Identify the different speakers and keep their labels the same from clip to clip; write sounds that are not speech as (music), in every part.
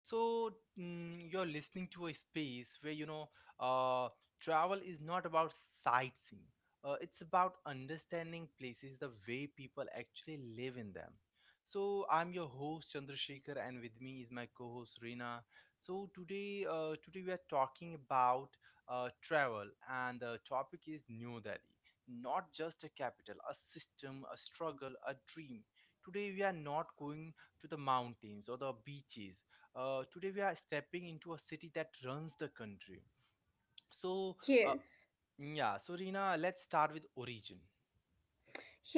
Speaker 1: So, you're listening to a space where uh, travel is not about sightseeing. It's about understanding places the way people actually live in them. So, I'm your host Chandrasekhar, and with me is my co-host Reena. Today we are talking about travel, and the topic is New Delhi, not just a capital, a system, a struggle, a dream. Today, we are not going to the mountains or the beaches. Today, we are stepping into a city that runs the country. So, uh,
Speaker 2: Yes.
Speaker 1: yeah, so Rina, let's start with origin.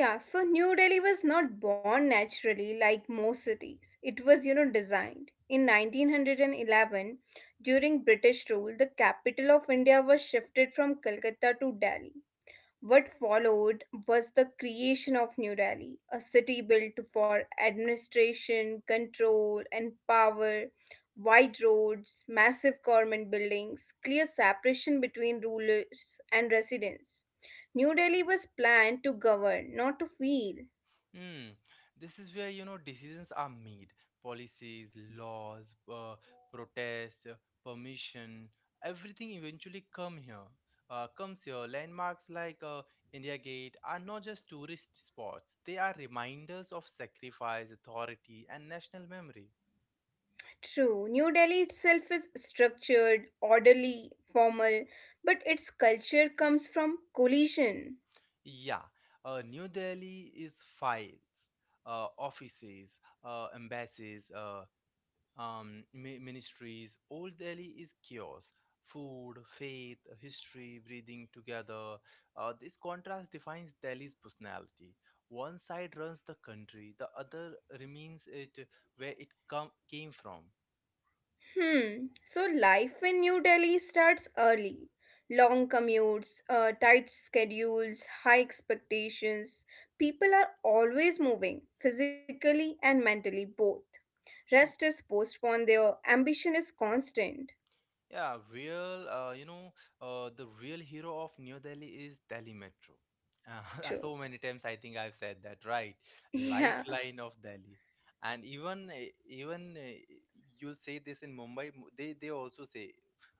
Speaker 2: Yeah, so New Delhi was not born naturally like most cities. It was designed. In 1911, during British rule, the capital of India was shifted from Calcutta to Delhi. What followed was the creation of New Delhi, a city built for administration, control, and power, wide roads, massive government buildings, clear separation between rulers and residents. New Delhi was planned to govern, not to feel.
Speaker 1: Hmm. This is where decisions are made, policies, laws, protests, permission, everything eventually come here. Comes here. Landmarks like India Gate are not just tourist spots; they are reminders of sacrifice, authority, and national memory.
Speaker 2: True, New Delhi itself is structured, orderly, formal, but its culture comes from collision.
Speaker 1: Yeah, New Delhi is files, offices, embassies, ministries. Old Delhi is chaos. Food, faith, history, breathing together. This contrast defines Delhi's personality. One side runs the country, the other remains it where it came from.
Speaker 2: Hmm. So life in New Delhi starts early. Long commutes, tight schedules, high expectations. People are always moving, physically and mentally both. Rest is postponed there, ambition is constant.
Speaker 1: Yeah, real, uh, you know, the real hero of New Delhi is Delhi Metro. (laughs)
Speaker 2: True.
Speaker 1: So
Speaker 2: (laughs)
Speaker 1: many times I think I've said that, right?
Speaker 2: Yeah.
Speaker 1: Lifeline of Delhi. And even even you'll say this in Mumbai, they also say.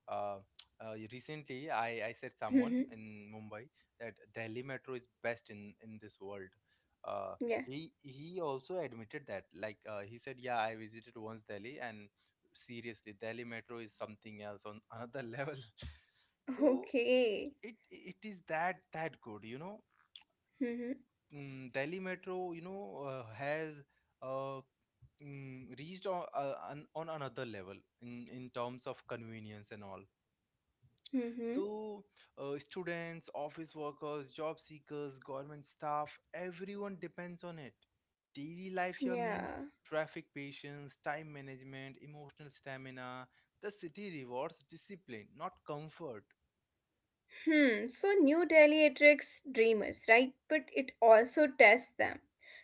Speaker 1: Uh, recently, I said someone
Speaker 2: Mm-hmm.
Speaker 1: in Mumbai that Delhi Metro is best in this world. Uh,
Speaker 2: Yeah.
Speaker 1: he also admitted that. Like he said, yeah, I visited once Delhi and seriously Delhi Metro is something else on another (laughs) level. So
Speaker 2: Okay.
Speaker 1: it is that good, you know.
Speaker 2: Mm-hmm.
Speaker 1: Mm, Delhi Metro, you know, has uh, reached on another level in terms of convenience and all.
Speaker 2: Mm-hmm.
Speaker 1: So, students, office workers, job seekers, government staff, everyone depends on it. Daily life
Speaker 2: Yeah.
Speaker 1: here means traffic patience, time management, emotional stamina. The city rewards discipline, not comfort.
Speaker 2: Hmm. So New Delhi attracts dreamers, right? But it also tests them.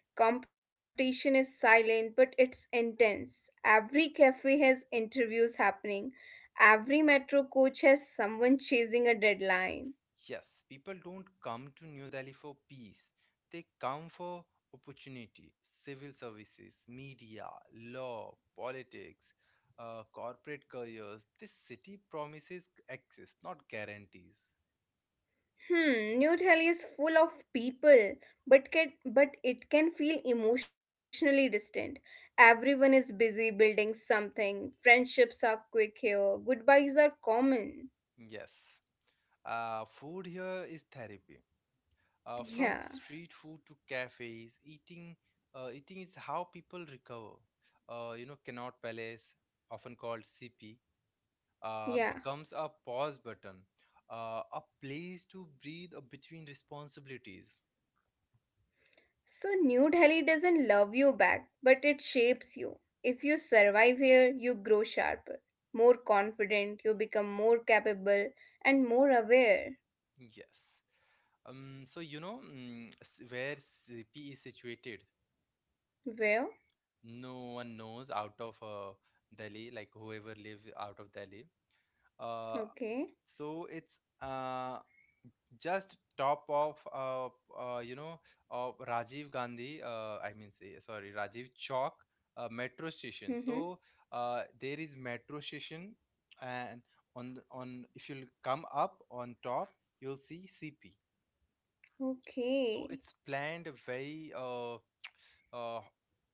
Speaker 2: Competition is silent, but it's intense. Every cafe has interviews happening. Every metro coach has someone chasing a deadline.
Speaker 1: Yes, people don't come to New Delhi for peace, they come for opportunity, civil services, media, law, politics. Corporate careers, this city promises access, not guarantees.
Speaker 2: Hmm, New Delhi is full of people, but can, but it can feel emotionally distant. Everyone is busy building something. Friendships are quick here. Goodbyes are common.
Speaker 1: Yes. Food here is therapy. From
Speaker 2: Yeah,
Speaker 1: street food to cafes, eating is how people recover. You know, Connaught Palace, often called CP,
Speaker 2: yeah.
Speaker 1: becomes a pause button, a place to breathe between responsibilities.
Speaker 2: So, New Delhi doesn't love you back, but it shapes you. If you survive here, you grow sharper, more confident, you become more capable, and more aware.
Speaker 1: Yes. So you know, mm, where CP is situated.
Speaker 2: Well,
Speaker 1: No one knows out of Delhi, like whoever lives out of Delhi. Uh,
Speaker 2: okay.
Speaker 1: so it's just top of uh, you know of Rajiv Gandhi I mean say sorry, Rajiv Chowk metro station.
Speaker 2: Mm-hmm.
Speaker 1: So there is metro station, and on if you'll come up on top you'll see CP. So
Speaker 2: Okay.
Speaker 1: it's planned very (tsk) uh,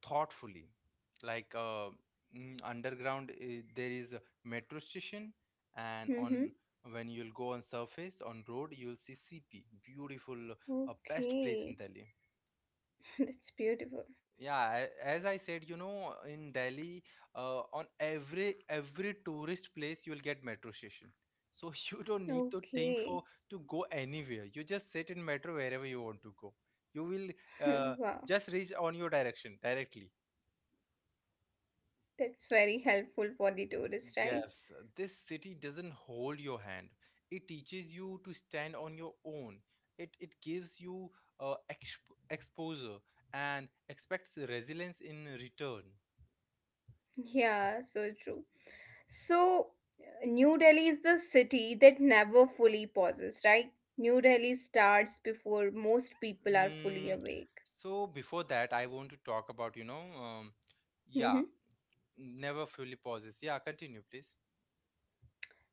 Speaker 1: thoughtfully. Like underground, there is a metro station, and
Speaker 2: Mm-hmm.
Speaker 1: on when you'll go on surface on road, you'll see CP, beautiful, best place in
Speaker 2: Okay.
Speaker 1: Delhi.
Speaker 2: (laughs) That's beautiful.
Speaker 1: Yeah, as I said, you know, in Delhi, on every tourist place you'll get metro station. So (laughs) you don't need to think
Speaker 2: Okay.
Speaker 1: for to go anywhere. You just sit in metro wherever you want to go. You will uh,
Speaker 2: (laughs) Wow.
Speaker 1: just reach on your direction directly.
Speaker 2: That's very helpful for the tourist, right?
Speaker 1: Yes, this city doesn't hold your hand. It teaches you to stand on your own. It gives you uh, exp exposure and expects resilience in return.
Speaker 2: Yeah, so true. So, New Delhi is the city that never fully pauses, right? New Delhi starts before most people are fully
Speaker 1: Mm,
Speaker 2: awake.
Speaker 1: so before that, I want to talk about, you know,
Speaker 2: Mhm.
Speaker 1: yeah, never fully pauses. Yeah, continue, please.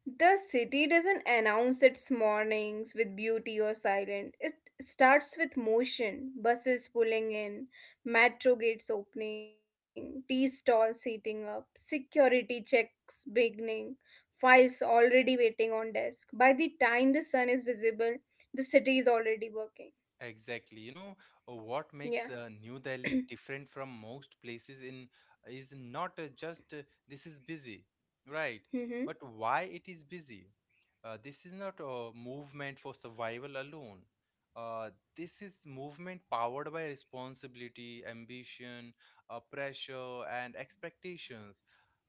Speaker 2: The city doesn't announce its mornings with beauty or silence. It starts with motion, buses pulling in, metro gates opening, tea stalls heating up, security checks beginning, files already waiting on desk. By the time the sun is visible, the city is already working.
Speaker 1: Exactly. You know, what makes
Speaker 2: Yeah.
Speaker 1: New Delhi different from most places in is not just this is busy, right?
Speaker 2: Mm-hmm.
Speaker 1: But why it is busy? This is not a movement for survival alone. Uh, this is movement powered by responsibility, ambition, pressure, and expectations.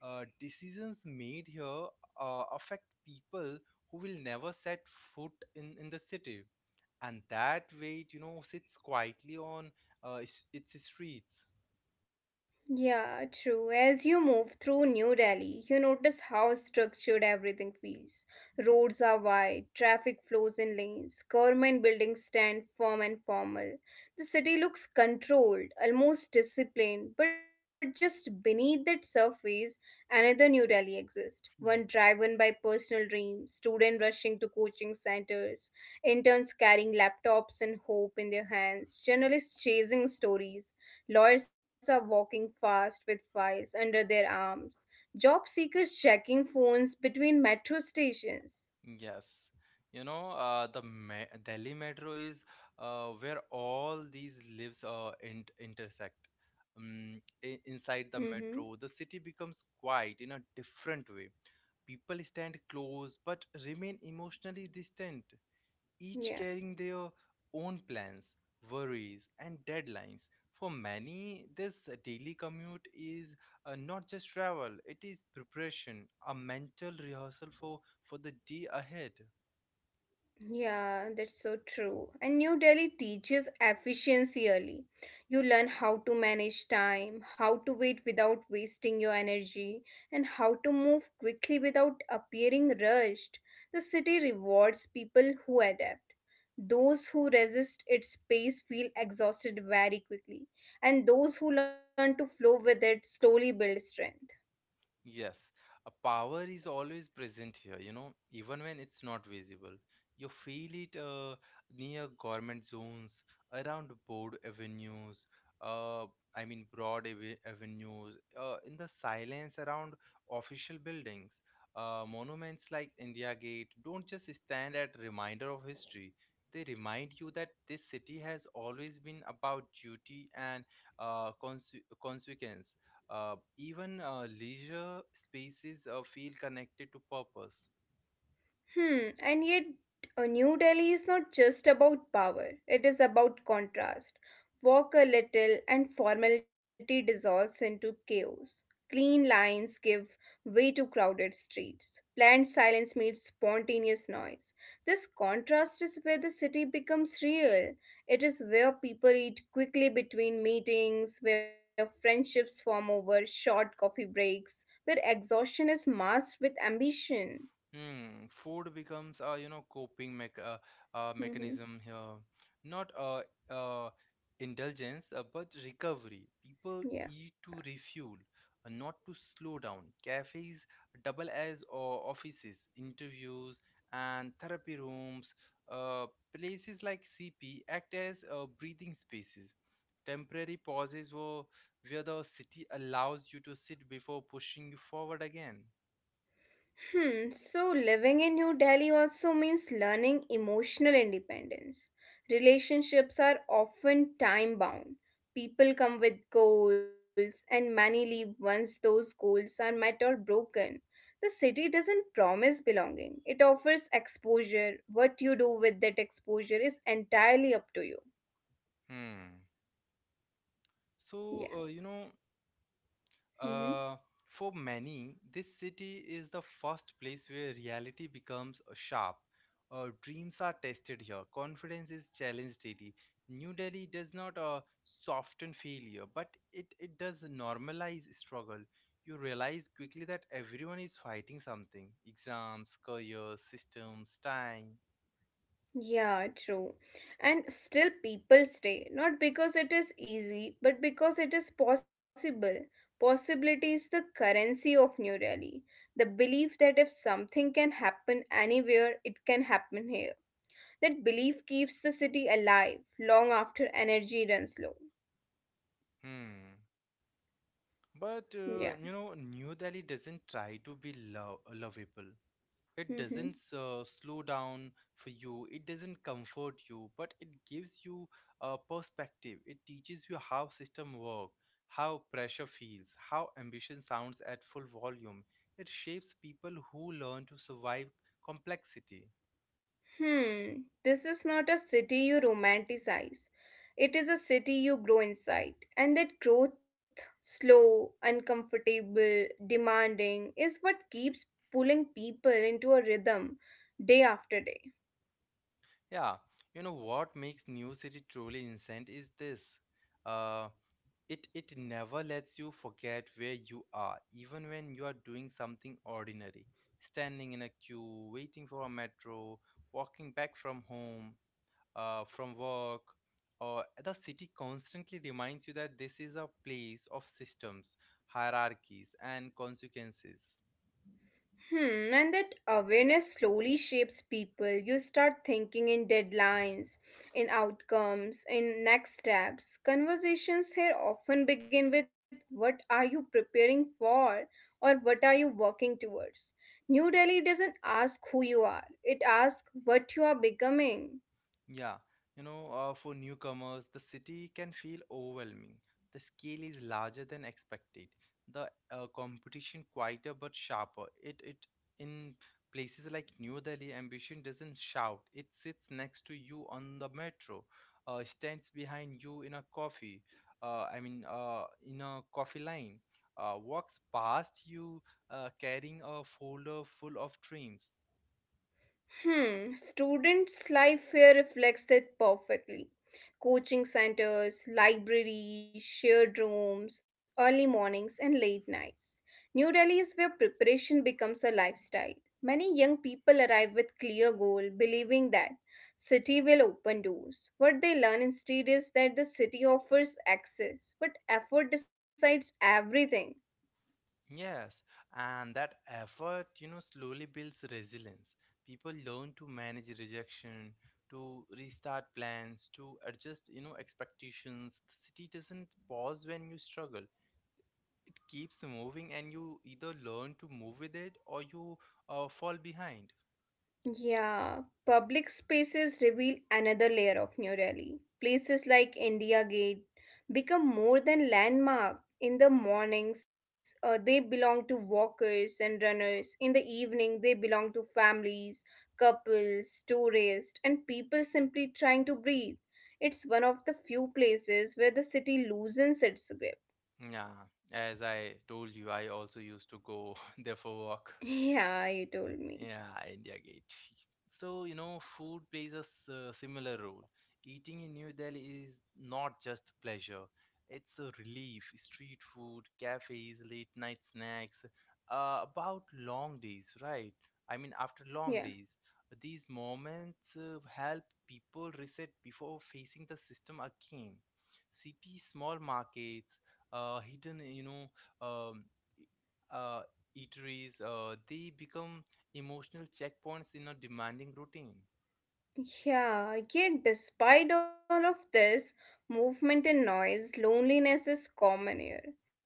Speaker 1: Decisions made here affect people who will never set foot in the city, and that weight, you know, sits quietly on its streets.
Speaker 2: Yeah, true. As you move through New Delhi, you notice how structured everything feels. Roads are wide, traffic flows in lanes, government buildings stand firm and formal. The city looks controlled, almost disciplined, but just beneath that surface, another New Delhi exists. One
Speaker 1: Hmm.
Speaker 2: driven by personal dreams, students rushing to coaching centers, interns carrying laptops and hope in their hands, journalists chasing stories. Lawyers are walking fast with files under their arms. Job seekers checking phones between metro stations.
Speaker 1: Yes. You know, Delhi metro is where all these lives intersect. Inside the
Speaker 2: Mm-hmm.
Speaker 1: metro, the city becomes quiet in a different way. People stand close but remain emotionally distant, each
Speaker 2: Yeah.
Speaker 1: carrying their own plans, worries, and deadlines. For many, this daily commute is not just travel, it is preparation, a mental rehearsal for the day ahead.
Speaker 2: Yeah, that's so true. And New Delhi teaches efficiency early. You learn how to manage time, how to wait without wasting your energy, and how to move quickly without appearing rushed. The city rewards people who adapt. Those who resist its pace feel exhausted very quickly, and those who learn to flow with it slowly build strength.
Speaker 1: Yes, a power is always present here, you know, even when it's not visible. You feel it near government zones, around broad avenues, uh, I mean, broad avenues, in the silence around official buildings. Monuments like India Gate don't just stand at reminder of history. They remind you that this city has always been about duty and uh, conse consequence. Even leisure spaces feel connected to purpose.
Speaker 2: Hmm, and yet New Delhi is not just about power, it is about contrast. Walk a little and formality dissolves into chaos. Clean lines give way to crowded streets. Planned silence meets spontaneous noise. This contrast is where the city becomes real. It is where people eat quickly between meetings, where friendships form over short coffee breaks, where exhaustion is masked with ambition.
Speaker 1: Hmm, food becomes a, you know, coping mech
Speaker 2: Hmm.
Speaker 1: mechanism here, not uh, indulgence, but recovery. People
Speaker 2: Yeah.
Speaker 1: eat to refuel, not to slow down. Cafes double as or offices, interviews, and therapy rooms. Uh, places like CP act as breathing spaces, temporary pauses where the city allows you to sit before pushing you forward again.
Speaker 2: Hmm, so living in New Delhi also means learning emotional independence. Relationships are often time bound. People come with goals, and many leave once those goals are met or broken. The city doesn't promise belonging, it offers exposure. What you do with that exposure is entirely up to you.
Speaker 1: Hmm. So, uh, you know,
Speaker 2: Yeah.
Speaker 1: uh, for many, this city is the first place where reality becomes sharp. Dreams are tested here, confidence is challenged daily. New Delhi does not soften failure, but it does normalize struggle. You realize quickly that everyone is fighting something: exams, careers, systems, time.
Speaker 2: Yeah, true. And still people stay, not because it is easy, but because it is possible. Possibility is the currency of New Delhi. The belief that if something can happen anywhere, it can happen here. That belief keeps the city alive long after energy runs low.
Speaker 1: Hmm. But,
Speaker 2: Yeah.
Speaker 1: you know, New Delhi doesn't try to be lovable. It
Speaker 2: Mm-hmm.
Speaker 1: doesn't slow down for you, it doesn't comfort you, but it gives you a perspective. It teaches you how system work, how pressure feels, how ambition sounds at full volume. It shapes people who learn to survive complexity.
Speaker 2: Hmm, this is not a city you romanticize. It is a city you grow inside. And that growth, slow, uncomfortable, demanding, is what keeps pulling people into a rhythm day after day.
Speaker 1: Yeah, you know what makes New City truly insane is this. Uh, It it never lets you forget where you are, even when you are doing something ordinary, standing in a queue, waiting for a metro, walking back from home, from work, or the city constantly reminds you that this is a place of systems, hierarchies, and consequences.
Speaker 2: Hmm, and that awareness slowly shapes people. You start thinking in deadlines, in outcomes, in next steps. Conversations here often begin with what are you preparing for or what are you working towards. New Delhi doesn't ask who you are, it asks what you are becoming.
Speaker 1: Yeah, you know, for newcomers, the city can feel overwhelming. The scale is larger than expected. The competition quieter but sharper. It in places like New Delhi, ambition doesn't shout. It sits next to you on the metro, stands behind you in a coffee. I mean, in a coffee line, walks past you carrying a folder full of dreams.
Speaker 2: Hmm, students' life here reflects it perfectly. Coaching centers, libraries, shared rooms, early mornings, and late nights. New Delhi is where preparation becomes a lifestyle. Many young people arrive with clear goal, believing that city will open doors. What they learn instead is that the city offers access, but effort decides everything.
Speaker 1: Yes, and that effort, you know, slowly builds resilience. People learn to manage rejection, to restart plans, to adjust, you know, expectations. The city doesn't pause when you struggle. It keeps moving, and you either learn to move with it or you fall behind.
Speaker 2: Yeah, public spaces reveal another layer of New Delhi. Places like India Gate become more than landmark. In the mornings, they belong to walkers and runners. In the evening, they belong to families, couples, tourists, and people simply trying to breathe. It's one of the few places where the city loosens its grip.
Speaker 1: Yeah, as I told you, I also used to go (laughs) there for
Speaker 2: (laughs)
Speaker 1: work.
Speaker 2: Yeah, you told me.
Speaker 1: Yeah, India Gate. So, you know, food plays a similar role. Eating in New Delhi is not just pleasure, it's a relief. Street food, cafes, late night snacks, about long days, right? I mean, after
Speaker 2: Yeah.
Speaker 1: long days, these moments help people reset before facing the system again. CP small markets, hidden, you know, um, e, uh, eateries, they become emotional checkpoints in a demanding routine.
Speaker 2: Yeah, yet despite all of this movement and noise, loneliness is common here.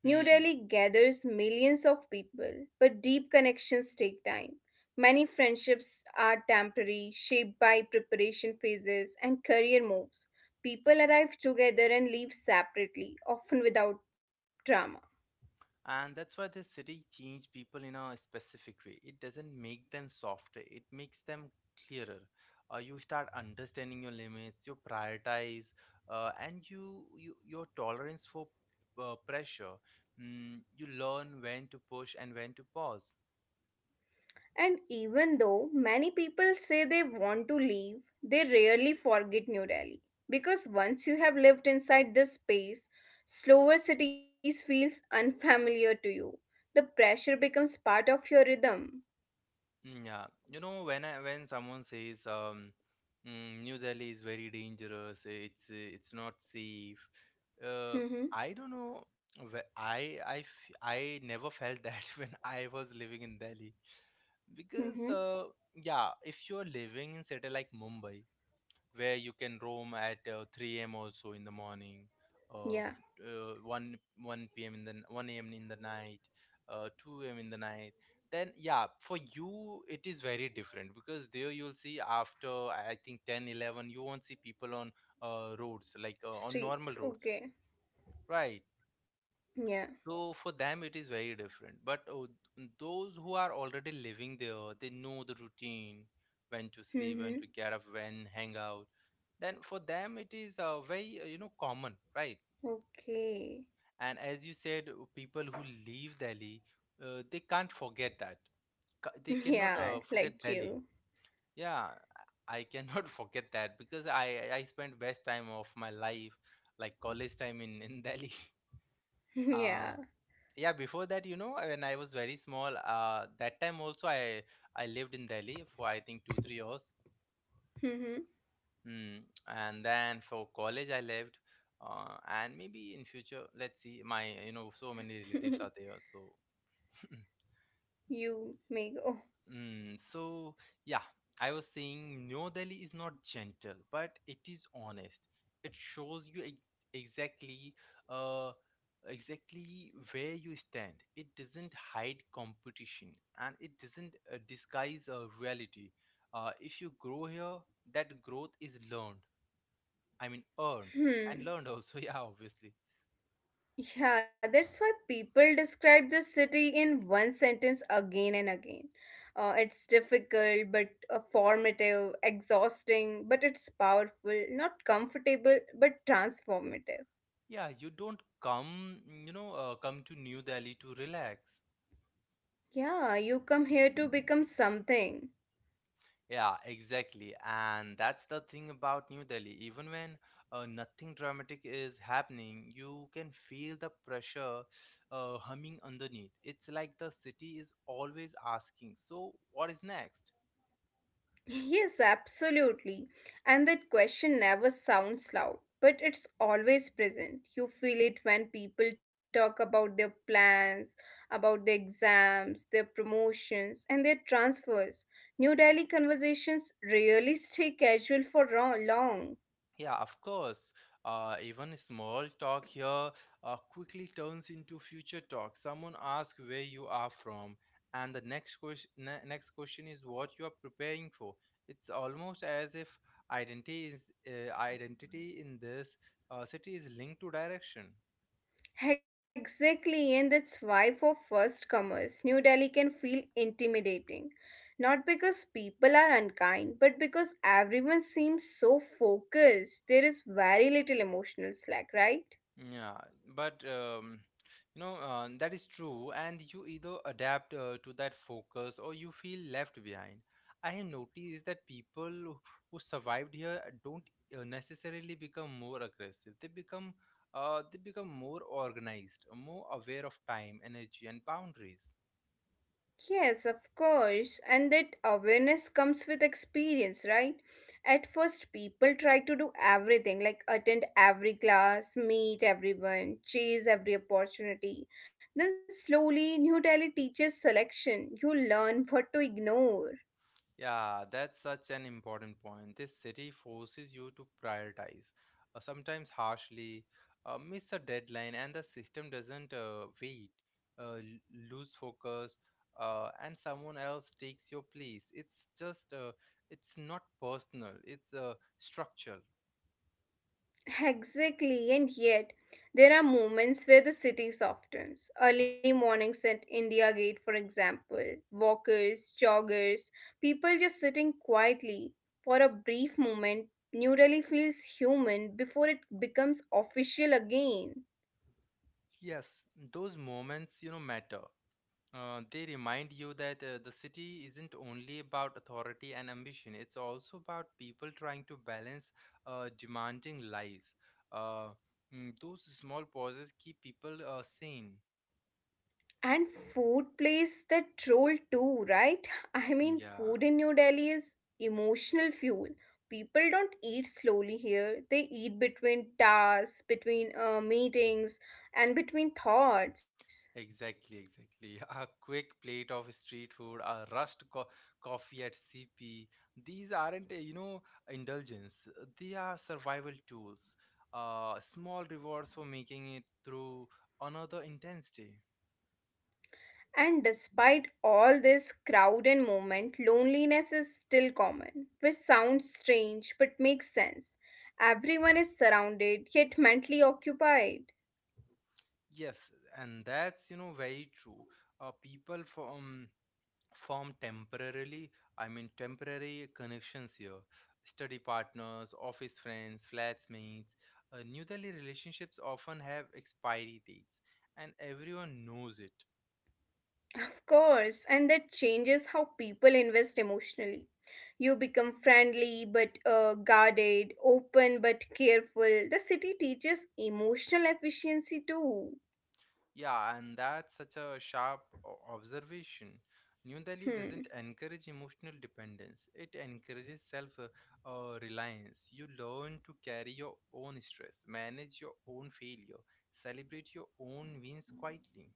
Speaker 2: New
Speaker 1: Hmm.
Speaker 2: Delhi gathers millions of people, but deep connections take time. Many friendships are temporary, shaped by preparation phases and career moves. People arrive together and leave separately, often without drama.
Speaker 1: And that's why the city change people in a specific way. It doesn't make them softer, it makes them clearer. You start understanding your limits, you prioritize, you your tolerance for pressure. Mm, you learn when to push and when to pause.
Speaker 2: And even though many people say they want to leave, they rarely forget New Delhi. Because once you have lived inside this space, slower cities feels unfamiliar to you. The pressure becomes part of your rhythm.
Speaker 1: Mm, yeah, you know, when someone says New Delhi is very dangerous, it's not safe. Uh,
Speaker 2: Mm-hmm.
Speaker 1: I don't know. I never felt that (laughs) when I was living in Delhi,
Speaker 2: Mm-hmm.
Speaker 1: because yeah, if you're living in city like Mumbai where you can roam at 3 a.m. also in the morning, uh,
Speaker 2: Yeah.
Speaker 1: 1 p.m. in the 1 a.m. in the night, 2 a.m. in the night. Then yeah, for you it is very different, because there you'll see after I think 10, 11 you won't see people on roads like on normal roads,
Speaker 2: Streets. Okay.
Speaker 1: right?
Speaker 2: Yeah.
Speaker 1: So for them it is very different. But those who are already living there, they know the routine, when to sleep, when to
Speaker 2: Mm-hmm.
Speaker 1: get up, when hang out then for them it is very common, right?
Speaker 2: Okay. (laughs)
Speaker 1: And as you said, people who leave Delhi, they can't forget that. They cannot
Speaker 2: Yeah,
Speaker 1: forget
Speaker 2: like
Speaker 1: Delhi.
Speaker 2: you.
Speaker 1: Yeah, I cannot (laughs) forget that because I spent best time of my life, like college time in (laughs) Delhi.
Speaker 2: (laughs)
Speaker 1: uh
Speaker 2: Yeah.
Speaker 1: yeah, before that, you know, when I was very small, that time also I lived in Delhi for I think 2 or 3 years.
Speaker 2: Mm-hmm.
Speaker 1: Mm. And then for college, I left. And maybe in future, let's see. My, you know, so many relatives are there. So, (laughs)
Speaker 2: (laughs) You make oh.
Speaker 1: so yeah, I was saying New Delhi is not gentle, but it is honest. It shows you exactly, uh, exactly where you stand. It doesn't hide competition, and it doesn't disguise reality. If you grow here, that growth is earned and
Speaker 2: Hmm.
Speaker 1: learned also. (laughs) Yeah, obviously.
Speaker 2: Yeah, that's why people describe the city in one sentence again and again. It's difficult, but formative, exhausting, but it's powerful, not comfortable, but transformative.
Speaker 1: Yeah, you don't come, to New Delhi to relax.
Speaker 2: Yeah, you come here to become something.
Speaker 1: Yeah, exactly. And that's the thing about New Delhi. Even when nothing dramatic is happening, you can feel the pressure humming underneath. It's like the city is always asking, so what is next?
Speaker 2: Yes, absolutely. And that question never sounds loud, but it's always present. You feel it when people talk about their plans, about their exams, their promotions, and their transfers. New Delhi conversations rarely stay casual for long.
Speaker 1: Yeah, of course. Even small talk here quickly turns into future talk. Someone asks where you are from, and the next next question is what you are preparing for. It's almost as if identity is identity in this city is linked to direction.
Speaker 2: Exactly, and that's why for first comers, New Delhi can feel intimidating. Not because people are unkind, but because everyone seems so focused. There is very little emotional slack, right?
Speaker 1: Yeah, but you know, that is true, and you either adapt to that focus or you feel left behind. I have noticed that people who survived here don't necessarily become more aggressive. They become more organized, more aware of time, energy, and boundaries.
Speaker 2: Yes, of course. And that awareness comes with experience, right? At first, people try to do everything like attend every class, meet everyone, chase every opportunity. Then, slowly, New Delhi teaches selection. You learn what to ignore.
Speaker 1: Yeah, that's such an important point. This city forces you to prioritize, sometimes harshly, miss a deadline, and the system doesn't wait, uh, l- lose focus, and someone else takes your place. It's just, it's not personal, it's structural.
Speaker 2: Exactly, and yet there are moments where the city softens. Early mornings at India Gate, for example, walkers, joggers, people just sitting quietly. For a brief moment, New Delhi feels human before it becomes official again.
Speaker 1: Yes, those moments, you know, matter. They remind you that the city isn't only about authority and ambition, it's also about people trying to balance demanding lives. Uh, those small pauses keep people sane.
Speaker 2: And food plays that role too, right? I mean,
Speaker 1: Yeah,
Speaker 2: food in New Delhi is emotional fuel. People don't eat slowly here. They eat between tasks, between meetings, and between thoughts.
Speaker 1: exactly, exactly. (laughs) A quick plate of street food, a rushed coffee at CP. These aren't, you know, indulgence. They are survival tools. Small rewards for making it through another intense day.
Speaker 2: And despite all this crowd and movement, loneliness is still common, which sounds strange but makes sense. Everyone is surrounded yet mentally occupied.
Speaker 1: Yes, and that's, you know, very true. People form temporary connections here. Study partners, office friends, flatmates. New Delhi relationships often have expiry dates, and everyone knows it.
Speaker 2: Of course, and that changes how people invest emotionally. You become friendly but guarded, open but careful. The city teaches emotional efficiency too.
Speaker 1: Yeah, and that's such a sharp observation. New Delhi
Speaker 2: Hmm.
Speaker 1: doesn't encourage emotional dependence, it encourages self reliance. You learn to carry your own stress, manage your own failure, celebrate your own wins quietly.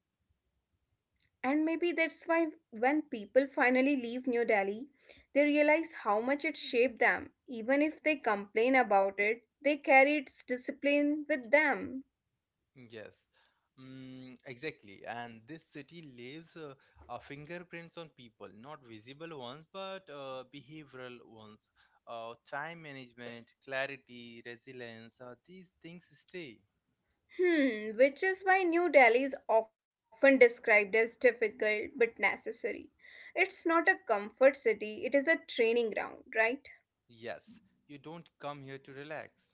Speaker 2: And maybe that's why when people finally leave New Delhi, they realize how much it shaped them. Even if they complain about it, they carry its discipline with them.
Speaker 1: Yes. Exactly, and this city leaves fingerprints on people, not visible ones, but behavioral ones, time management, clarity, resilience, these things stay.
Speaker 2: Hmm, which is why New Delhi is often described as difficult but necessary. It's not a comfort city, it is a training ground, right?
Speaker 1: Yes, you don't come here to relax.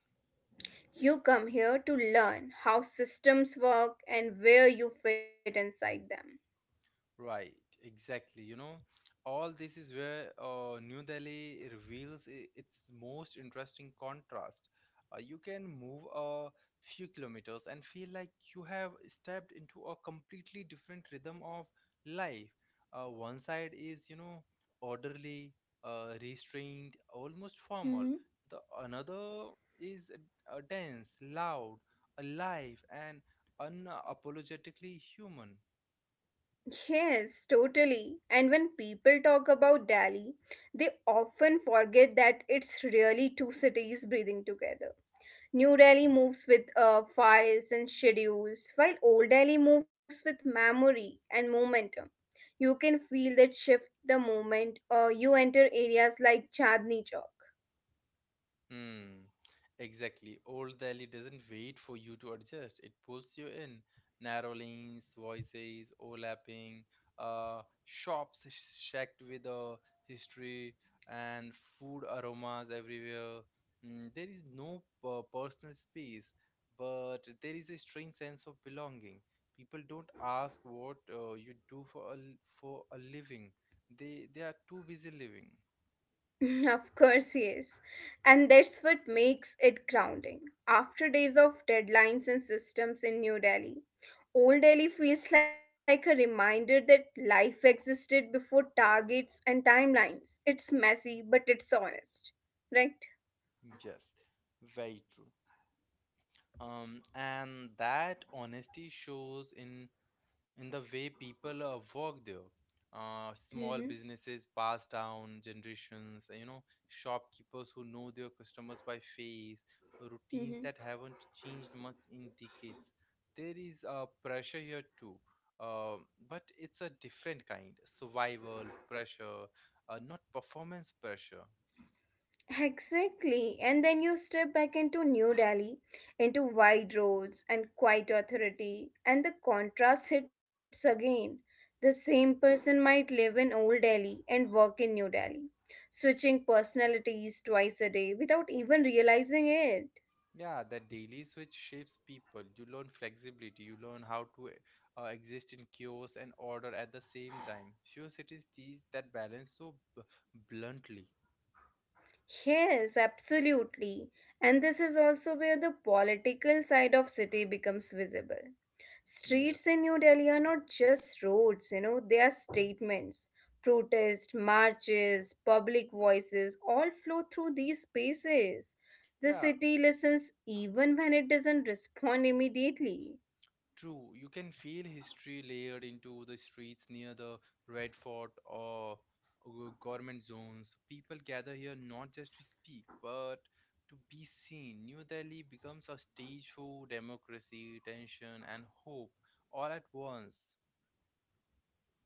Speaker 2: You come here to learn how systems work and where you fit inside them.
Speaker 1: Right, exactly. You know, all this is where New Delhi reveals its most interesting contrast. You can move a few kilometers and feel like you have stepped into a completely different rhythm of life. One side is, you know, orderly, restrained, almost formal.
Speaker 2: Hmm.
Speaker 1: The another is dense, loud, alive, and unapologetically human.
Speaker 2: Yes, totally. And when people talk about Delhi, they often forget that it's really two cities breathing together. New Delhi moves with files and schedules, while Old Delhi moves with memory and momentum. You can feel that shift the moment you enter areas like Chandni Chowk.
Speaker 1: Hmm. Exactly. Old Delhi doesn't wait for you to adjust. It pulls you in. Narrow lanes, voices, overlapping, shops shacked with a history and food aromas everywhere. Mm, there is no personal space, but there is a strange sense of belonging. People don't ask what you do for a living. They are too busy living.
Speaker 2: (laughs) Of course, yes. And that's what makes it grounding. After days of deadlines and systems in New Delhi, Old Delhi feels like a reminder that life existed before targets and timelines. It's messy, but it's honest. Right?
Speaker 1: Yes, very true, and that honesty shows in the way people work there.
Speaker 2: Mm-hmm.
Speaker 1: Small businesses pass down generations, you know, shopkeepers who know their customers by face, routines that haven't changed much in decades. There is a pressure here too, um, but it's a different kind, survival pressure, not performance pressure.
Speaker 2: Exactly. And then you step back into New Delhi, into wide roads and quiet authority, and the contrast hits again. The same person might live in Old Delhi and work in New Delhi, switching personalities twice a day without even realizing it.
Speaker 1: Yeah, that daily switch shapes people. You learn flexibility, you learn how to exist in chaos and order at the same time. Few cities teach that balance so bluntly.
Speaker 2: Yes, absolutely. And this is also where the political side of city becomes visible.
Speaker 1: Yes.
Speaker 2: Streets in New Delhi are not just roads, you know, they are statements. Protests, marches, public voices all flow through these spaces. The
Speaker 1: Yeah,
Speaker 2: city listens even when it doesn't respond immediately.
Speaker 1: true. You can feel history layered into the streets near the Red Fort or government zones. People gather here not just to speak, but to be seen. New Delhi becomes a stage for democracy, tension, and hope all at once.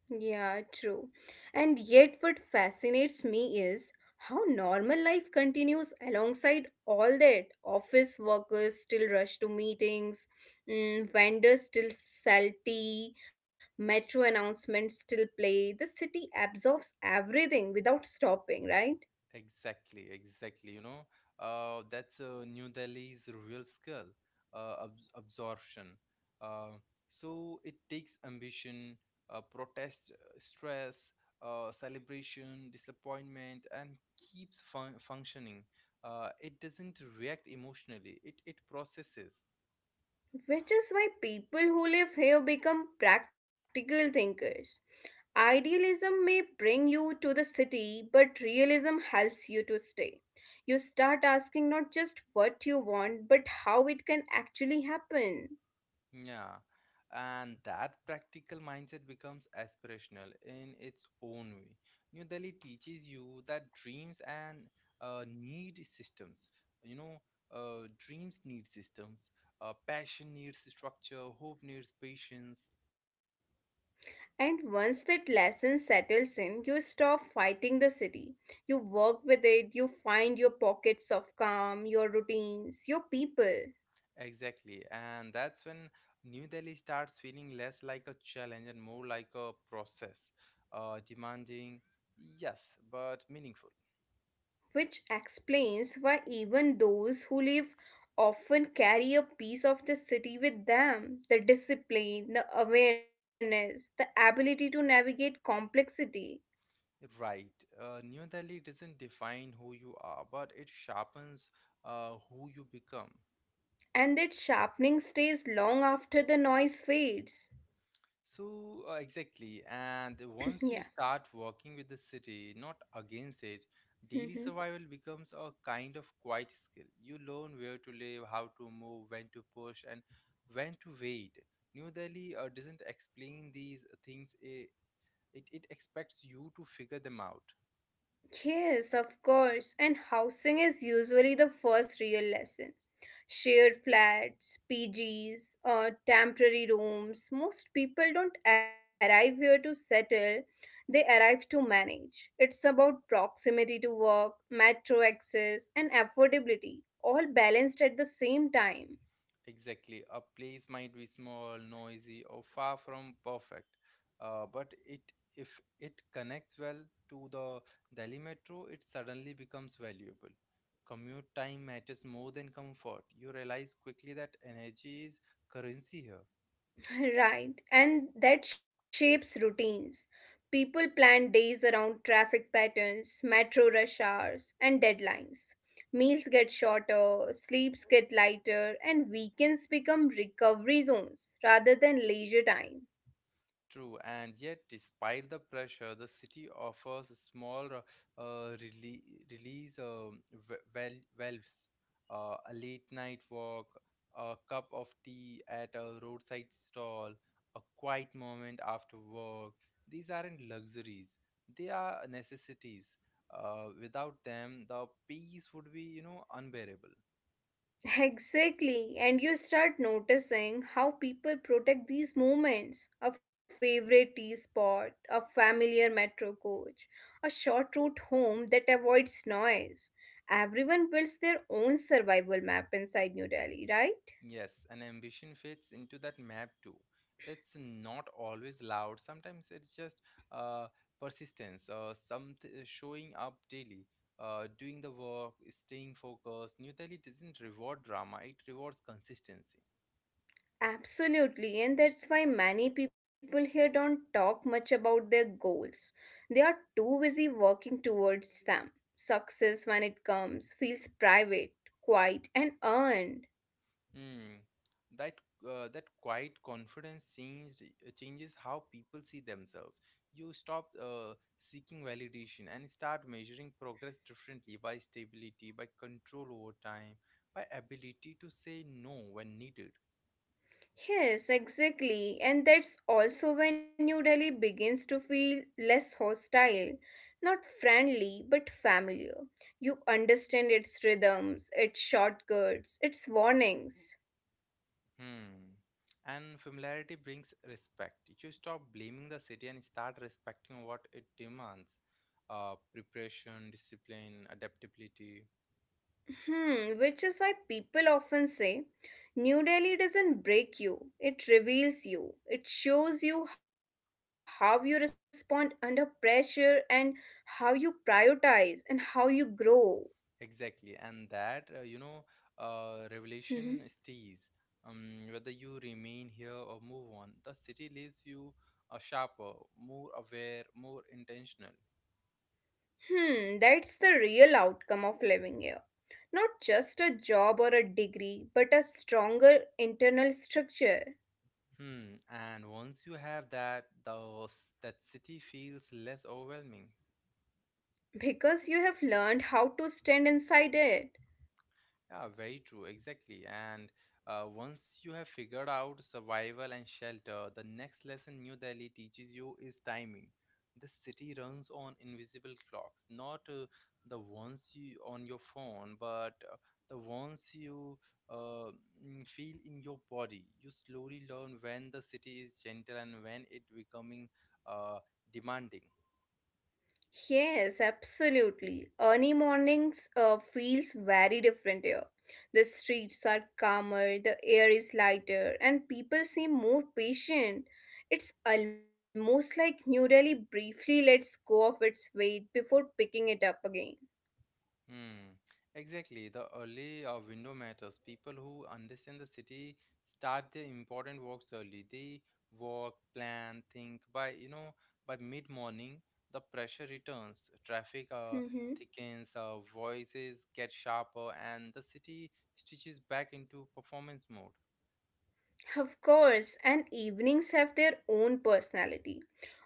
Speaker 2: Yeah, true. And yet, what fascinates me is how normal life continues alongside all that. Office workers still rush to meetings, vendors still sell tea, metro announcements still play. The city absorbs everything without stopping, right?
Speaker 1: Exactly, exactly. You know, that's New Delhi's real skill, absorption. Uh, so it takes ambition, protest, stress, celebration, disappointment, and keeps functioning. It doesn't react emotionally. It processes.
Speaker 2: Which is why people who live here become practical thinkers. Idealism may bring you to the city, but realism helps you to stay. You start asking not just what you want, but how it can actually happen.
Speaker 1: Yeah, and that practical mindset becomes aspirational in its own way. New Delhi teaches you that dreams and need systems. You know, dreams need systems, passion needs structure, hope needs patience.
Speaker 2: And once that lesson settles in, you stop fighting the city. You work with it, you find your pockets of calm, your routines, your people.
Speaker 1: Exactly, and that's when New Delhi starts feeling less like a challenge and more like a process, demanding, yes, but meaningful.
Speaker 2: Which explains why even those who live often carry a piece of the city with them the discipline, the awareness, the ability to navigate complexity.
Speaker 1: Right. New Delhi doesn't define who you are, but it sharpens who you become.
Speaker 2: And that sharpening stays long after the noise fades.
Speaker 1: So, exactly. And
Speaker 2: (clears throat) Yeah.
Speaker 1: once you start working with the city, not against it, daily
Speaker 2: Hmm.
Speaker 1: survival becomes a kind of quiet skill. You learn where to live, how to move, when to push, and when to wait. New Delhi doesn't explain these things, it expects you to figure them out.
Speaker 2: Yes, of course. And housing is usually the first real lesson shared flats, PGs, temporary rooms. Most people don't arrive here to settle, they arrive to manage. It's about proximity to work, metro access, and affordability, all balanced at the same time.
Speaker 1: Exactly. A place might be small, noisy, or far from perfect, but it if it connects well to the Delhi metro, it suddenly becomes valuable. Commute time matters more than comfort. You realize quickly that energy is currency here.
Speaker 2: Right, and that shapes routines. People plan days around traffic patterns, metro rush hours, and deadlines. Meals get shorter, sleeps get lighter, and weekends become recovery zones rather than leisure time.
Speaker 1: True, and yet, despite the pressure, the city offers small release valves, a late night walk, a cup of tea at a roadside stall, a quiet moment after work. These aren't luxuries, they are necessities. Without them, the peace would be, you know, unbearable.
Speaker 2: Exactly, and you start noticing how people protect these moments. A favorite tea spot, a familiar metro coach, a short route home that avoids noise. Everyone builds their own survival map inside New Delhi, right?
Speaker 1: Yes, and ambition fits into that map too. It's not always loud. Sometimes it's just uh, persistence, some showing up daily, doing the work, staying focused. New Delhi doesn't reward drama; it rewards consistency.
Speaker 2: Absolutely, and that's why many people here don't talk much about their goals. They are too busy working towards them. Success, when it comes, feels private, quiet, and earned.
Speaker 1: Hmm. That that quiet confidence changed changes how people see themselves. You stop seeking validation and start measuring progress differently, by stability, by control over time, by ability to say no when needed.
Speaker 2: Yes, exactly, and that's also when New Delhi begins to feel less hostile, not friendly, but familiar. You understand its rhythms, its shortcuts, its warnings.
Speaker 1: Hmm. And familiarity brings respect. You stop blaming the city and start respecting what it demands. Preparation, discipline, adaptability.
Speaker 2: Hmm, which is why people often say New Delhi doesn't break you, it reveals you. It shows you how you respond under pressure and how you prioritize and how you grow.
Speaker 1: Exactly, and that you know,
Speaker 2: Hmm.
Speaker 1: revelation stays. Whether you remain here or move on, the city leaves you sharper, more aware, more intentional.
Speaker 2: Hmm, that's the real outcome of living here. Not just a job or a degree, but a stronger internal structure
Speaker 1: Hmm. And once you have that, that city feels less overwhelming.
Speaker 2: because you have learned how to stand inside it.
Speaker 1: Yeah, very true, exactly. And once you have figured out survival and shelter, the next lesson New Delhi teaches you is timing. The city runs on invisible clocks, not the ones you on your phone, but the ones you uh, feel in your body. You slowly learn when the city is gentle and when it becoming uh, demanding.
Speaker 2: Yes, absolutely. Early mornings feels very different here. The streets are calmer, the air is lighter, and people seem more patient. It's almost like New Delhi briefly lets go of its weight before picking it up again.
Speaker 1: Hmm, exactly. The early window matters. People who understand the city start their important works early. They work, plan, think. By you know, by mid morning, the pressure returns. Traffic
Speaker 2: Mhm.
Speaker 1: thickens. Voices get sharper, and the city stitches back into performance mode.
Speaker 2: Of course, and evenings have their own personality.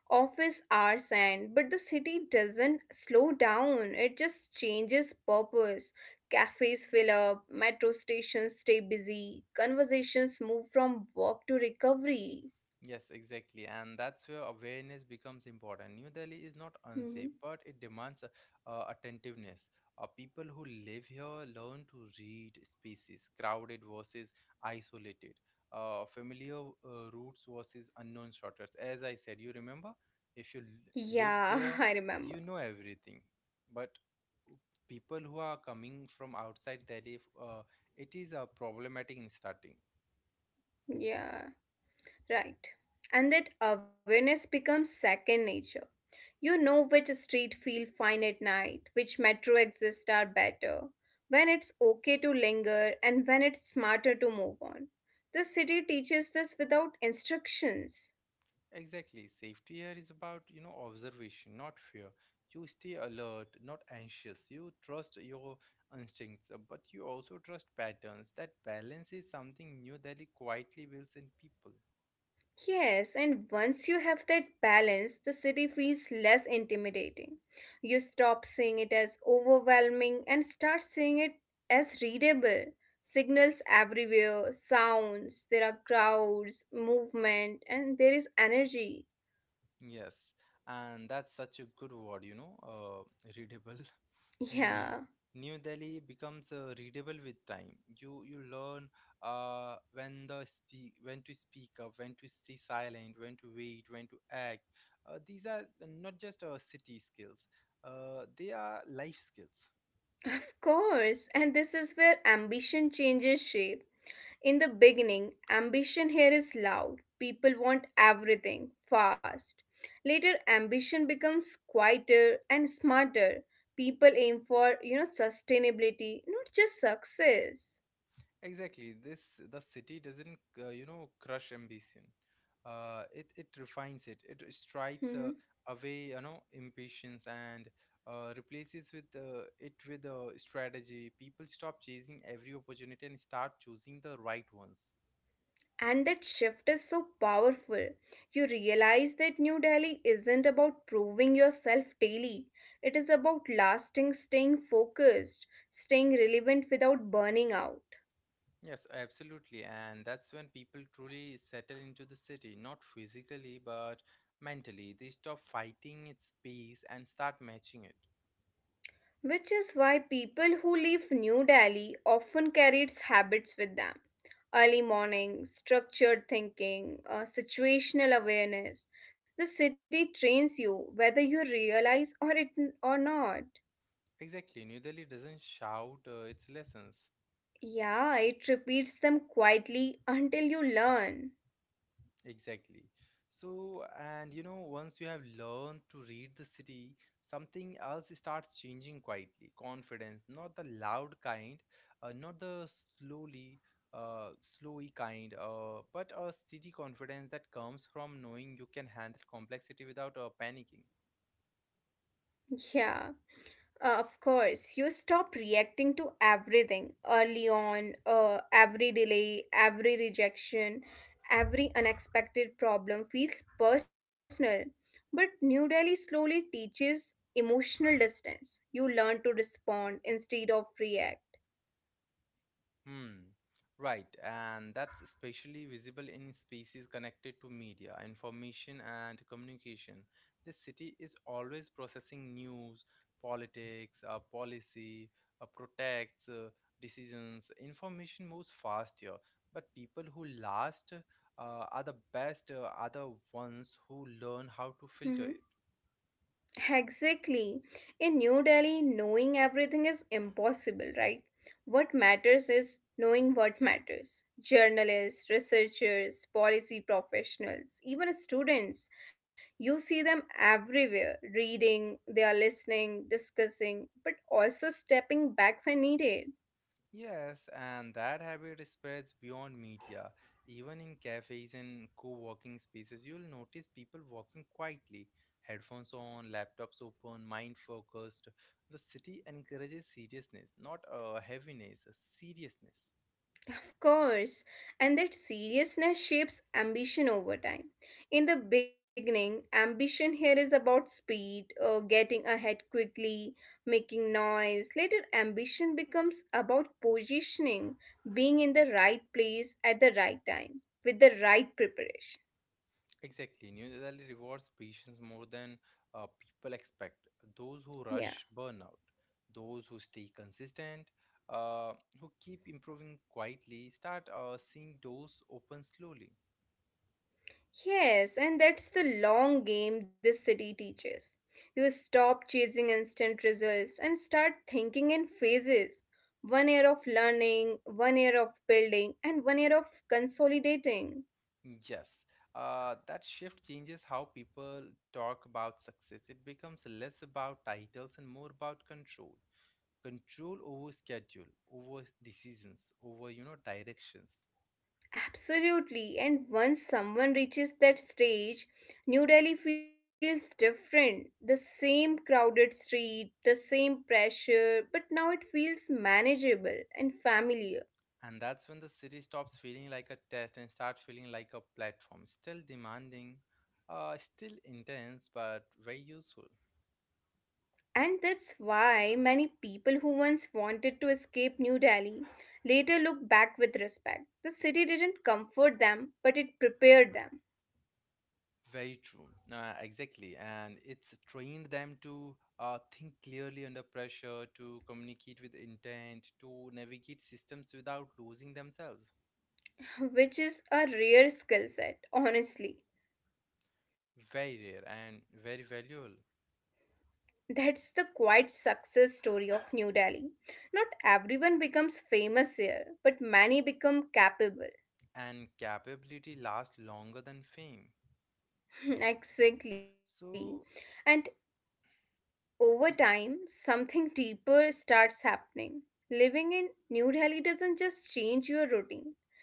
Speaker 2: Office hours end, but the city doesn't slow down. It just changes purpose. Cafes fill up, metro stations stay busy, conversations move from work to recovery.
Speaker 1: Yes, exactly. And that's where awareness becomes important. New Delhi is not
Speaker 2: Mhm.
Speaker 1: unsafe, but it demands attentiveness. People who live here learn to read spaces, crowded versus isolated, familiar routes versus unknown shortcuts. As I said, you remember, if you live
Speaker 2: Yeah, (laughs) I
Speaker 1: there,
Speaker 2: remember.
Speaker 1: you know everything. But people who are coming from outside Delhi, it is problematic in starting.
Speaker 2: Yeah, right. And that awareness becomes second nature. You know which street feel fine at night, which metro exits are better, when it's okay to linger, and when it's smarter to move on. The city teaches this without instructions.
Speaker 1: Exactly. Safety here is about, you know, observation, not fear. You stay alert, not anxious. You trust your instincts, but you also trust patterns. That balance is something New Delhi quietly builds in people.
Speaker 2: Yes, and once you have that balance, the city feels less intimidating. You stop seeing it as overwhelming and start seeing it as readable. Signals everywhere, sounds, there are crowds, movement, and there is energy.
Speaker 1: Yes, and that's such a good word, you know, readable. (laughs) Mm,
Speaker 2: Yeah.
Speaker 1: New Delhi becomes readable with time. You learn when to speak up, when to stay silent, when to wait, when to act. These are not just city skills; they are life skills.
Speaker 2: Of course, and this is where ambition changes shape. In the beginning, ambition here is loud. People want everything fast. Later, ambition becomes quieter and smarter. People aim for, you know, sustainability, not just success.
Speaker 1: Exactly. This The city doesn't you know crush ambition. It refines it. It stripes
Speaker 2: Mm-hmm.
Speaker 1: away, you know, impatience and replaces with it with a strategy. People stop chasing every opportunity and start choosing the right ones.
Speaker 2: And that shift is so powerful. You realize that New Delhi isn't about proving yourself daily, it is about lasting, staying focused, staying relevant without burning out.
Speaker 1: Yes, absolutely. And that's when people truly settle into the city, not physically but mentally. They stop fighting its pace and start matching it.
Speaker 2: Which is why people who leave New Delhi often carry its habits with them early morning, structured thinking, situational awareness. The city trains you whether you realize or it or not.
Speaker 1: Exactly. New Delhi doesn't shout its lessons.
Speaker 2: Yeah, it repeats them quietly until you learn.
Speaker 1: Exactly. So, and you know, once you have learned to read the city, something else starts changing quietly. Confidence, not the loud kind, not the slowly, slowy kind, but a steady confidence that comes from knowing you can handle complexity without panicking.
Speaker 2: Yeah, of course. You stop reacting to everything early on, every delay, every rejection, every unexpected problem feels personal. But New Delhi slowly teaches emotional distance. You learn to respond instead of react.
Speaker 1: Hmm. Right, and that's especially visible in spaces connected to media, information, and communication. The city is always processing news, politics, policy, uh, protects, uh, decisions. Information moves fast here, but people who last are the ones who learn how to filter
Speaker 2: Mm-hmm.
Speaker 1: it.
Speaker 2: Exactly. In New Delhi, knowing everything is impossible, right? What matters is knowing what matters. Journalists, researchers, policy professionals, even students, you see them everywhere reading, they are listening, discussing, but also stepping back when needed.
Speaker 1: Yes, and that habit spreads beyond media. Even in cafes and co working spaces, you'll notice people walking quietly, headphones on, laptops open, mind focused. The city encourages seriousness, not heaviness, seriously.
Speaker 2: Of course, and that seriousness shapes ambition over time. In the beginning, ambition here is about speed, getting ahead quickly, making noise. Later, ambition becomes about positioning, being in the right place at the right time, with the right preparation.
Speaker 1: Exactly. New Delhi rewards patience more than people expect. Those who
Speaker 2: Yeah.
Speaker 1: rush burn out, those who stay consistent. Uh, who keep improving quietly start seeing doors open slowly.
Speaker 2: Yes, and that's the long game this city teaches. You stop chasing instant results and start thinking in phases. One year of learning, one year of building, and one year of consolidating.
Speaker 1: Mm. Yes, that shift changes how people talk about success. It becomes less about titles and more about control. Control over schedule, over decisions, over, you know, directions.
Speaker 2: Absolutely, and once someone reaches that stage, New Delhi feels different. The same crowded street, the same pressure, but now it feels manageable and familiar.
Speaker 1: And that's when the city stops feeling like a test and start feeling like a platform, still demanding, still intense, but very useful.
Speaker 2: And that's why many people who once wanted to escape New Delhi later look back with respect. The city didn't comfort them, but it prepared them,
Speaker 1: Very true. Exactly. And it's trained them to think clearly under pressure, to communicate with intent, to navigate systems without losing themselves.
Speaker 2: which is a rare skill set, honestly.
Speaker 1: Very rare and very valuable.
Speaker 2: That's the quiet success story of New Delhi. Not everyone becomes famous here, but many become capable.
Speaker 1: And capability lasts longer than fame.
Speaker 2: (laughs) Exactly.
Speaker 1: So,
Speaker 2: And over time, something deeper starts happening. Living in New Delhi doesn't just change your routine,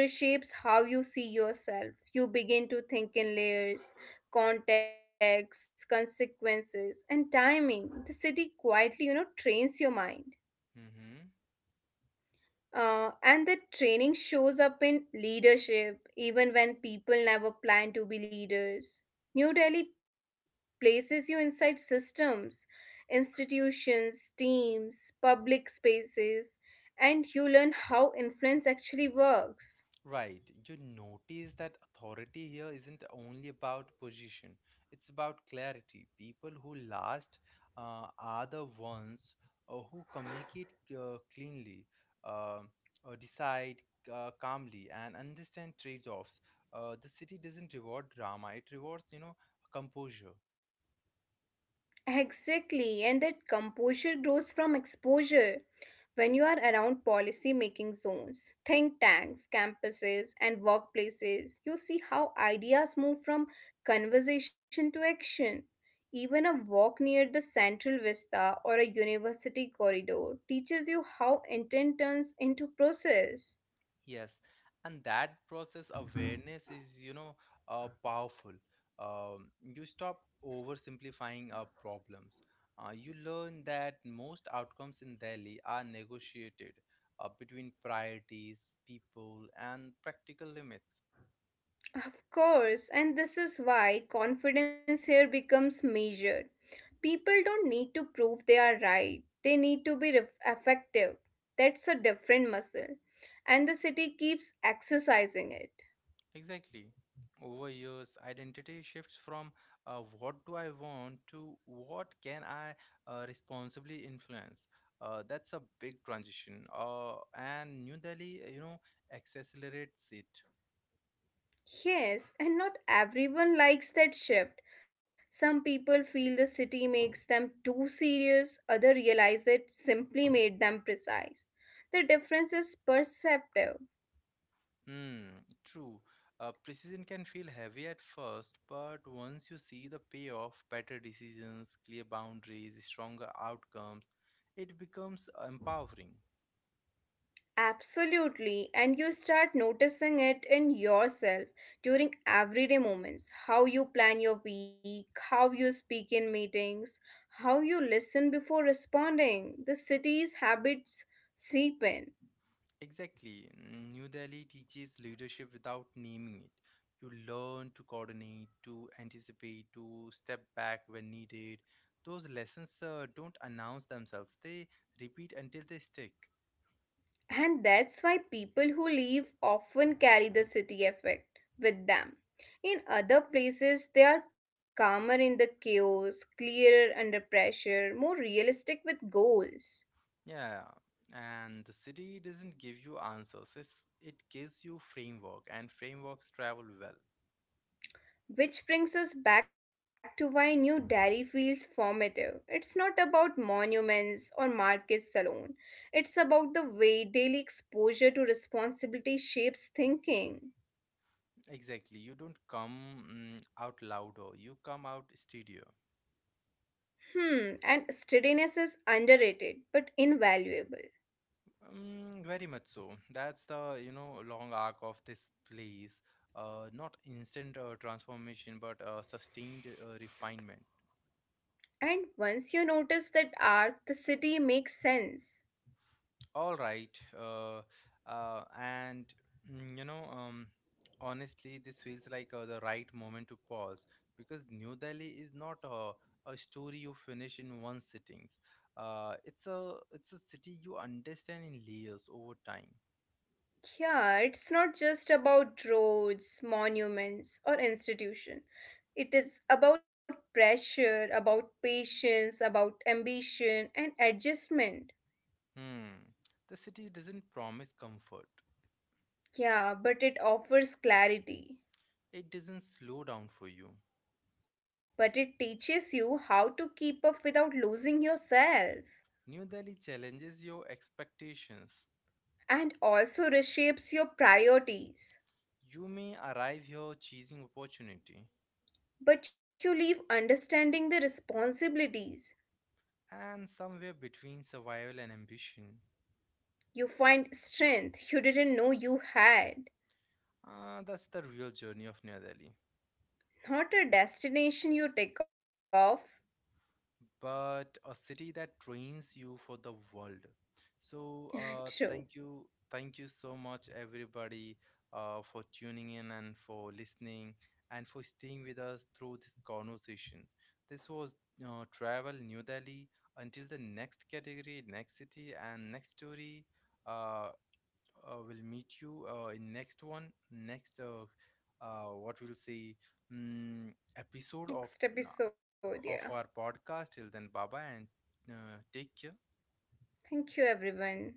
Speaker 2: it reshapes how you see yourself. You begin to think in layers, context, consequences, and timing. The city quietly, you know, trains your mind. And that training shows up in leadership, even when people never plan to be leaders. New Delhi places you inside systems, institutions, teams, public spaces, and you learn how influence actually works.
Speaker 1: right. You notice that authority here isn't only about position, it's about clarity. People who last are the ones who communicate cleanly, uh, decide calmly, and understand trade offs. The city doesn't reward drama, it rewards, you know, composure.
Speaker 2: Exactly, and that composure grows from exposure. When you are around policy making zones, think tanks, campuses, and workplaces, you see how ideas move from conversation to action. Even a walk near the central vista or a university corridor teaches you how intent turns into process.
Speaker 1: Yes, and that process awareness is, you know, powerful. You stop oversimplifying problems. You learn that most outcomes in Delhi are negotiated between priorities, people, and practical limits.
Speaker 2: Of course, and this is why confidence here becomes measured. People don't need to prove they are right, they need to be effective. That's a different muscle, and the city keeps exercising it.
Speaker 1: Exactly. Over years, identity shifts from what do I want to what can I responsibly influence. That's a big transition. And New Delhi, you know, accelerates it.
Speaker 2: Yes, and not everyone likes that shift. Some people feel the city makes them too serious, others realize it simply made them precise. The difference is perceptive.
Speaker 1: Hmm, true. Precision can feel heavy at first, but once you see the payoff, better decisions, clear boundaries, stronger outcomes, it becomes empowering.
Speaker 2: Absolutely, and you start noticing it in yourself during everyday moments how you plan your week, how you speak in meetings, how you listen before responding. The city's habits seep in,
Speaker 1: Exactly. New Delhi teaches leadership without naming it. You learn to coordinate, to anticipate, to step back when needed. Those lessons don't announce themselves, they repeat until they stick.
Speaker 2: and that's why people who leave often carry the city effect with them. In other places, they are calmer in the chaos, clearer under pressure, more realistic with goals.
Speaker 1: Yeah. And the city doesn't give you answers, it gives you framework, and frameworks travel well.
Speaker 2: Which brings us back to why New Delhi feels formative. It's not about monuments or markets alone, it's about the way daily exposure to responsibility shapes thinking.
Speaker 1: Exactly. You don't come out louder, you come out steadier.
Speaker 2: Hmm, and steadiness is underrated but invaluable.
Speaker 1: Very much so. That's the, you know, long arc of this place. Not instant transformation, but sustained refinement.
Speaker 2: And once you notice that arc, the city makes sense.
Speaker 1: All right. Uh, uh, and you know, honestly, this feels like the right moment to pause because New Delhi is not a story you finish in one sittings. It's a city you understand in layers over time.
Speaker 2: Yeah, it's not just about roads, monuments, or institution. It is about pressure, about patience, about ambition and adjustment.
Speaker 1: Hmm. The city doesn't promise comfort.
Speaker 2: Yeah, but it offers clarity.
Speaker 1: It doesn't slow down for you.
Speaker 2: But it teaches you how to keep up without losing yourself
Speaker 1: New Delhi challenges your expectations.
Speaker 2: and also reshapes your priorities.
Speaker 1: You may arrive here chasing opportunity
Speaker 2: But you leave understanding the responsibilities.
Speaker 1: and somewhere between survival and ambition.
Speaker 2: You find strength you didn't know you had.
Speaker 1: Ah, that's the real journey of New Delhi.
Speaker 2: Not a destination you take off.
Speaker 1: But a city that trains you for the world. So,
Speaker 2: (laughs) True.
Speaker 1: thank you so much, everybody, for tuning in and for listening and for staying with us through this conversation. This was Travel New Delhi. Until the next category, next city, and next story, uh, we'll meet you in next one, next what we'll say, episode
Speaker 2: Next
Speaker 1: uh,
Speaker 2: episode, yeah.
Speaker 1: of our podcast. Till then, bye bye and take care.
Speaker 2: Thank you, everyone.